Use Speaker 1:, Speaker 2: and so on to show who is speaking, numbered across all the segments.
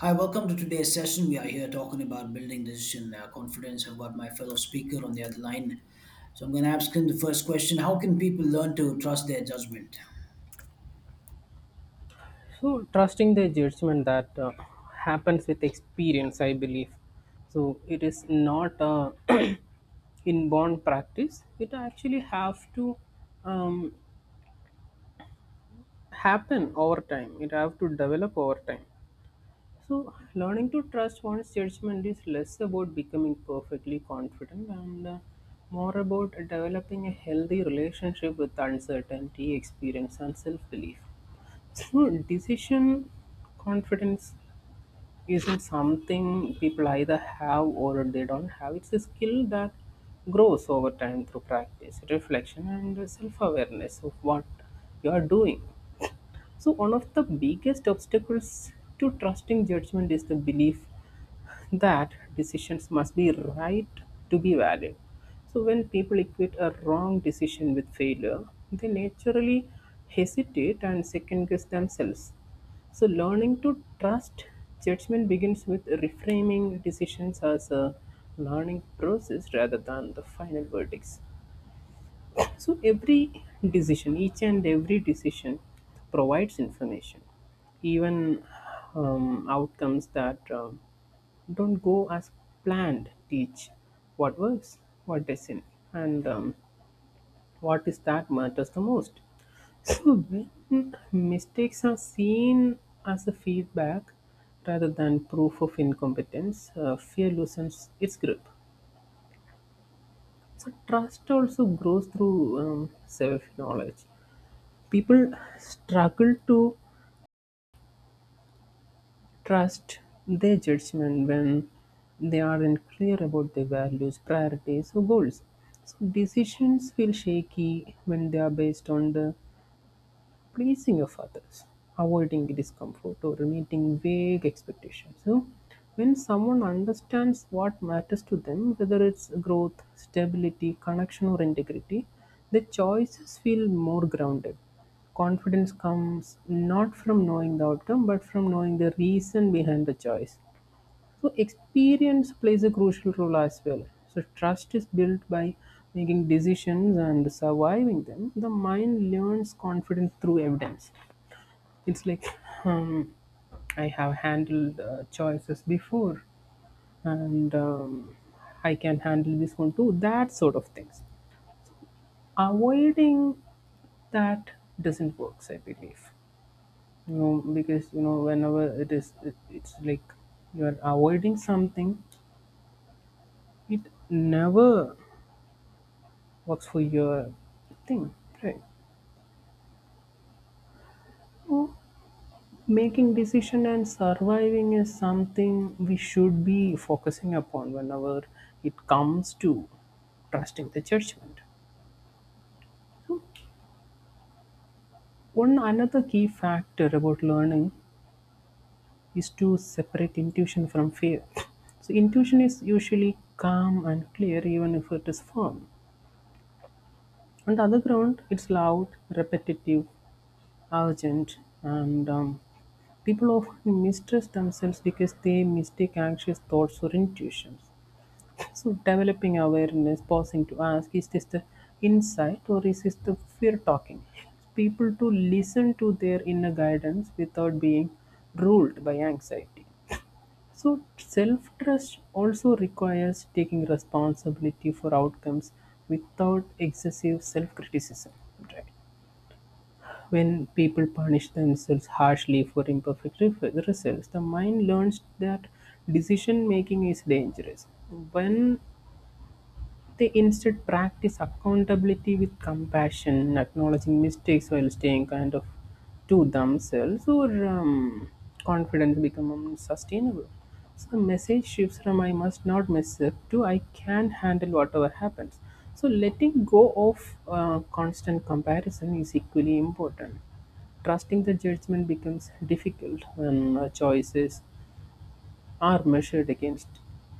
Speaker 1: Hi, welcome to today's session. We are here talking about building decision confidence. I've got my fellow speaker on the other line. So I'm going to ask him the first question. How can people learn to trust their judgment?
Speaker 2: So trusting the judgment that happens with experience, I believe. So it is not a inborn practice. It actually have to um, happen over time. It have to develop over time. So learning to trust one's judgment is less about becoming perfectly confident and more about developing a healthy relationship with uncertainty, experience, and self-belief. So decision confidence isn't something people either have or they don't have. It's a skill that grows over time through practice, reflection, and self awareness of what you are doing. So, one of the biggest obstacles to trusting judgment is the belief that decisions must be right to be valid. So when people equate a wrong decision with failure, they naturally hesitate and second guess themselves. So learning to trust judgment begins with reframing decisions as a learning process rather than the final verdicts. So every decision, each and every decision provides information, even outcomes that don't go as planned teach what works, what doesn't, and what is that matters the most. So when mistakes are seen as a feedback rather than proof of incompetence, fear loosens its grip. So trust also grows through self-knowledge. People struggle to trust their judgment when they aren't clear about their values, priorities, or goals. So decisions feel shaky when they are based on the pleasing of others, avoiding discomfort, or meeting vague expectations. So when someone understands what matters to them, whether it's growth, stability, connection, or integrity, the choices feel more grounded. Confidence comes not from knowing the outcome, but from knowing the reason behind the choice. So experience plays a crucial role as well. So trust is built by making decisions and surviving them. The mind learns confidence through evidence. It's like um, I have handled choices before, and I can handle this one too. That sort of things. Avoiding that doesn't work, I believe. You know, because you know, whenever it's like you are avoiding something. It never works for your thing, right? So making decision and surviving is something we should be focusing upon whenever it comes to trusting the judgment. So one another key factor about learning is to separate intuition from fear. So intuition is usually calm and clear even if it is firm. On the other ground, it's loud, repetitive, urgent, and people often mistrust themselves because they mistake anxious thoughts for intuitions. So, developing awareness, pausing to ask, is this the insight or is this the fear talking? People to listen to their inner guidance without being ruled by anxiety. So self trust also requires taking responsibility for outcomes without excessive self criticism, right? When people punish themselves harshly for imperfect results, the mind learns that decision making is dangerous. When they instead practice accountability with compassion, acknowledging mistakes while staying kind of to themselves, or confidence become unsustainable. So the message shifts from I must not mess up to I can handle whatever happens. So letting go of constant comparison is equally important. Trusting the judgment becomes difficult when a choice are measured against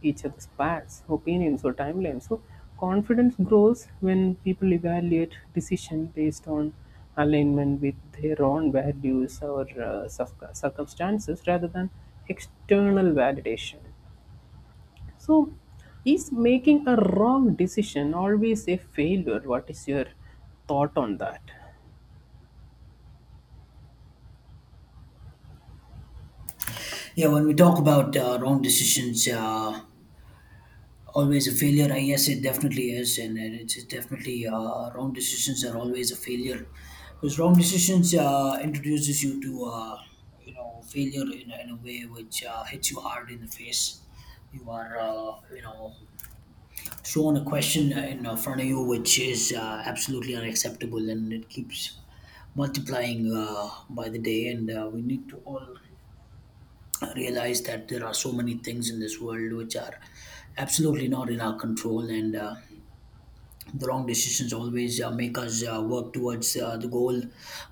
Speaker 2: each other's past, opinions, or timelines. So confidence grows when people evaluate decision based on alignment with their own values or circumstances rather than external validation. So is making a wrong decision always a failure? What is your thought on that?
Speaker 1: Yeah, when we talk about wrong decisions, always a failure. I guess it definitely is. And it's definitely, wrong decisions are always a failure because wrong decisions introduces you to, uh, failure in a way which, hits you hard in the face. You are uh, shown a question in front of you which is absolutely unacceptable, and it keeps multiplying by the day. And we need to all realize that there are so many things in this world which are absolutely not in our control. And the wrong decisions always make us work towards the goal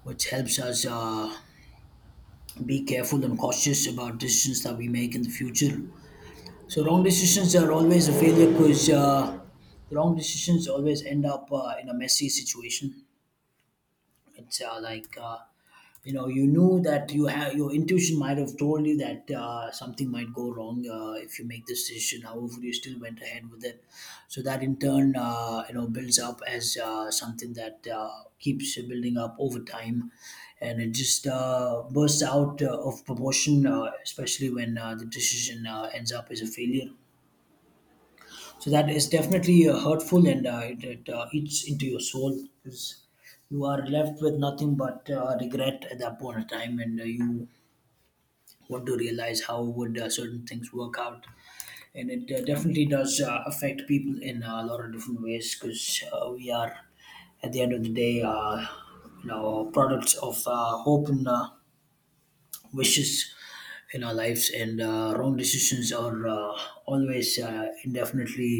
Speaker 1: which helps us be careful and cautious about decisions that we make in the future. So wrong decisions are always a failure, because the wrong decisions always end up in a messy situation. It's like, uh, you knew that you have, your intuition might have told you that something might go wrong if you make this decision. However, you still went ahead with it. So that, in turn, uh, builds up as something that keeps building up over time, and it just bursts out of proportion, especially when the decision ends up as a failure. So that is definitely hurtful, and it, it eats into your soul because you are left with nothing but regret at that point of time. And you want to realize how would certain things work out, and it definitely does affect people in a lot of different ways, because we are, at the end of the day, products of hope and wishes in our lives. And wrong decisions are always indefinitely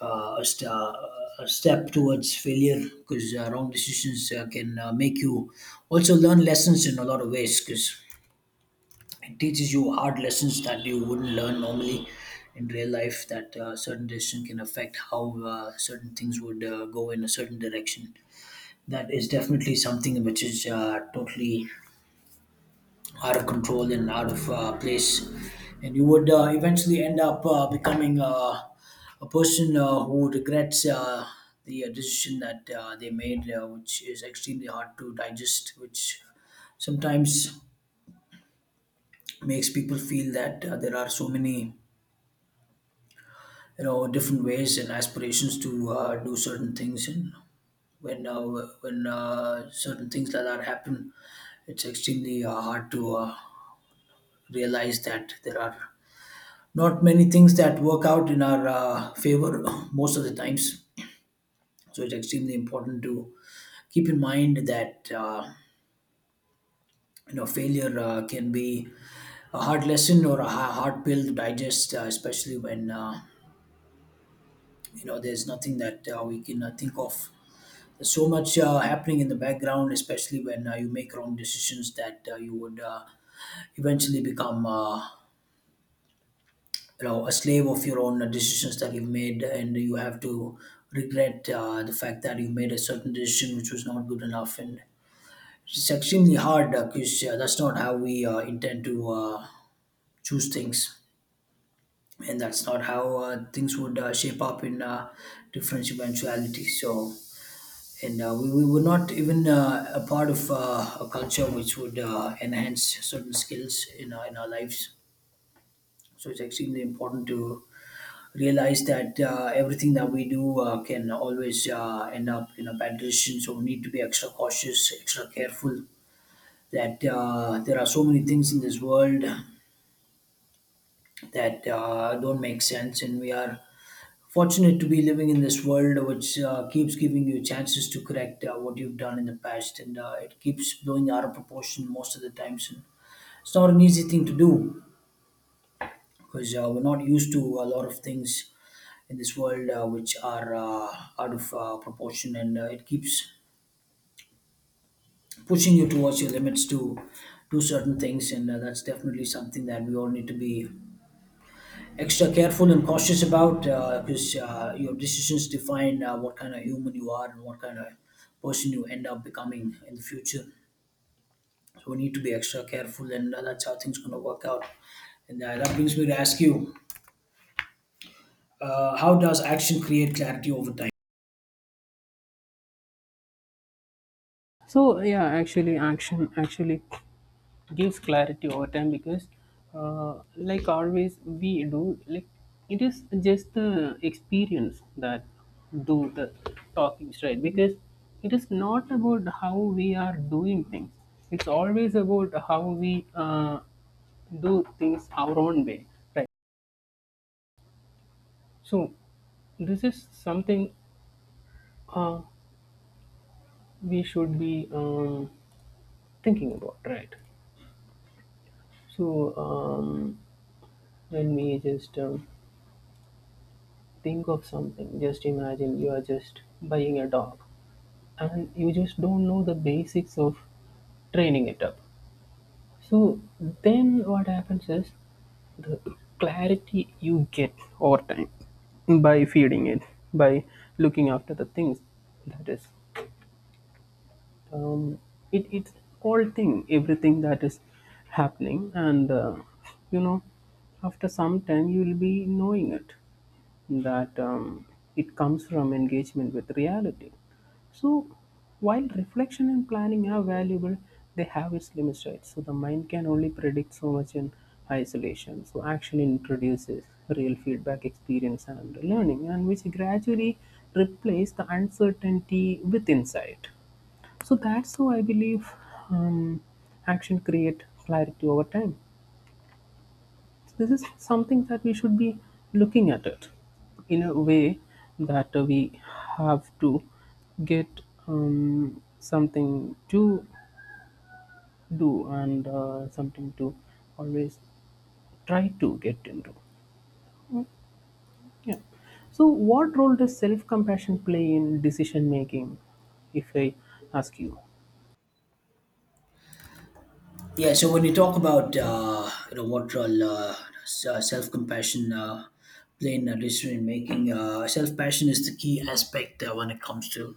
Speaker 1: uh, a, st- uh, a step towards failure, because wrong decisions can make you also learn lessons in a lot of ways, because it teaches you hard lessons that you wouldn't learn normally in real life, that certain decision can affect how certain things would go in a certain direction. That is definitely something which is totally out of control and out of place. And you would eventually end up becoming a person who regrets the decision that they made, which is extremely hard to digest, which sometimes makes people feel that there are so many, different ways and aspirations to do certain things. And when uh, when certain things like that happen, it's extremely hard to realize that there are not many things that work out in our favor most of the times. So it's extremely important to keep in mind that, uh, failure can be a hard lesson or a hard pill to digest, especially when, uh, there's nothing that we can think of. There's so much happening in the background, especially when you make wrong decisions, that you would eventually become, uh, a slave of your own decisions that you've made, and you have to regret the fact that you made a certain decision which was not good enough. And it's extremely hard, because that's not how we intend to choose things, and that's not how things would shape up in different eventualities. So, and we were not even a part of a culture which would enhance certain skills in our lives. So it's extremely important to realize that everything that we do can always end up in a bad decision. So we need to be extra cautious, extra careful. That there are so many things in this world that don't make sense, and we are fortunate to be living in this world, which keeps giving you chances to correct what you've done in the past. And it keeps blowing out of proportion most of the times. And it's not an easy thing to do, because we're not used to a lot of things in this world which are out of proportion. And it keeps pushing you towards your limits to do certain things. And that's definitely something that we all need to be extra careful and cautious about, because your decisions define what kind of human you are and what kind of person you end up becoming in the future. So we need to be extra careful. And that's how things going to work out. And that brings me to ask you, how does action create clarity over time?
Speaker 2: So yeah, actually action actually gives clarity over time because like always we do like it is just the experience that do the talkings, right? Because it is not about how we are doing things, it's always about how we do things our own way, right? So this is something uh, we should be thinking about, right? So let me just think of something. Just imagine you are just buying a dog and you just don't know the basics of training it up. So then what happens is the clarity you get over time by feeding it, by looking after the things that is um, it's all thing everything that is happening and you know after some time you will be knowing it that it comes from engagement with reality. So while reflection and planning are valuable, they have its limits, right? So the mind can only predict so much in isolation. So action introduces real feedback, experience and learning, and which gradually replace the uncertainty with insight. So that's how I believe um, action create clarity over time. So this is something that we should be looking at it in a way that we have to get something to do and something to always try to get into. Yeah. So what role does self-compassion play in decision making? If I ask you.
Speaker 1: Yeah, so when you talk about, uh, what role self compassion play in a decision making, self passion is the key aspect when it comes to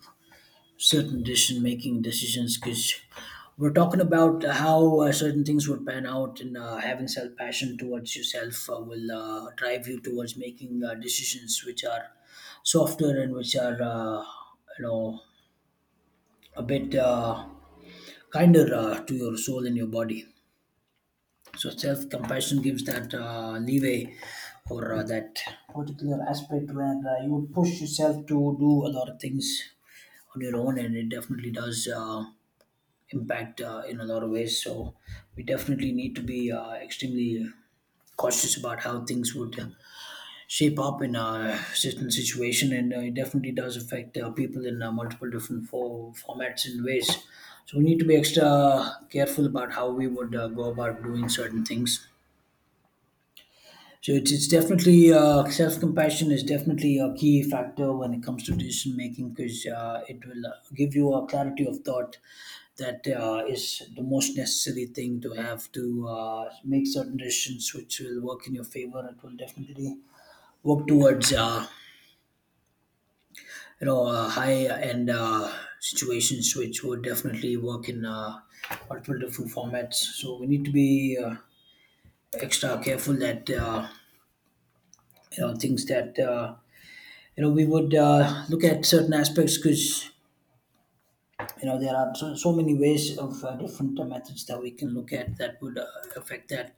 Speaker 1: certain decision making decisions, because we're talking about how certain things would pan out. And having self passion towards yourself will drive you towards making decisions which are softer and which are, uh, you know a bit kinder to your soul and your body. So self-compassion gives that leeway or that particular aspect where you would push yourself to do a lot of things on your own. And it definitely does impact in a lot of ways. So we definitely need to be extremely cautious about how things would shape up in a certain situation. And it definitely does affect people in multiple different formats and ways. So we need to be extra careful about how we would go about doing certain things. So it's definitely, self compassion is definitely a key factor when it comes to decision making, because it will give you a clarity of thought that is the most necessary thing to have to make certain decisions which will work in your favor. It will definitely work towards, uh, high end situations which would definitely work in multiple different formats. So we need to be extra careful that, uh, things that. We would look at certain aspects, because there are so many ways of different methods that we can look at that would affect that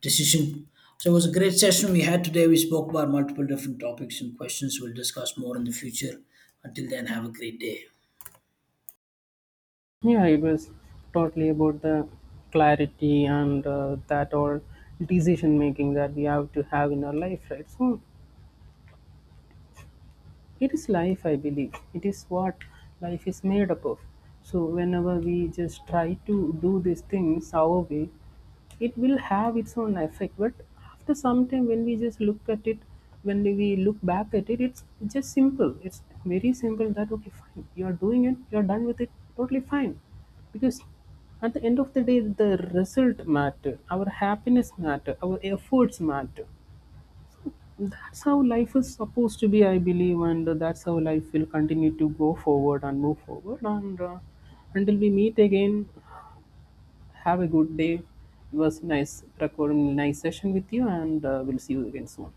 Speaker 1: decision. So it was a great session we had today. We spoke about multiple different topics and questions. We'll discuss more in the future. Until then, have a great day.
Speaker 2: Yeah, it was totally about the clarity and that all decision making that we have to have in our life, right? So it is life, I believe, it is what life is made up of. So whenever we just try to do these things our way, it will have its own effect. But after some time, when we just look at it, when we look back at it, it's just simple, it's very simple. That okay, fine, you are doing it, you are done with it. Totally fine. Because at the end of the day, the result matter, our happiness matter, our efforts matter. That's how life is supposed to be, I believe, and that's how life will continue to go forward and move forward. And Until we meet again, have a good day. It was nice recording, nice session with you, and we'll see you again soon.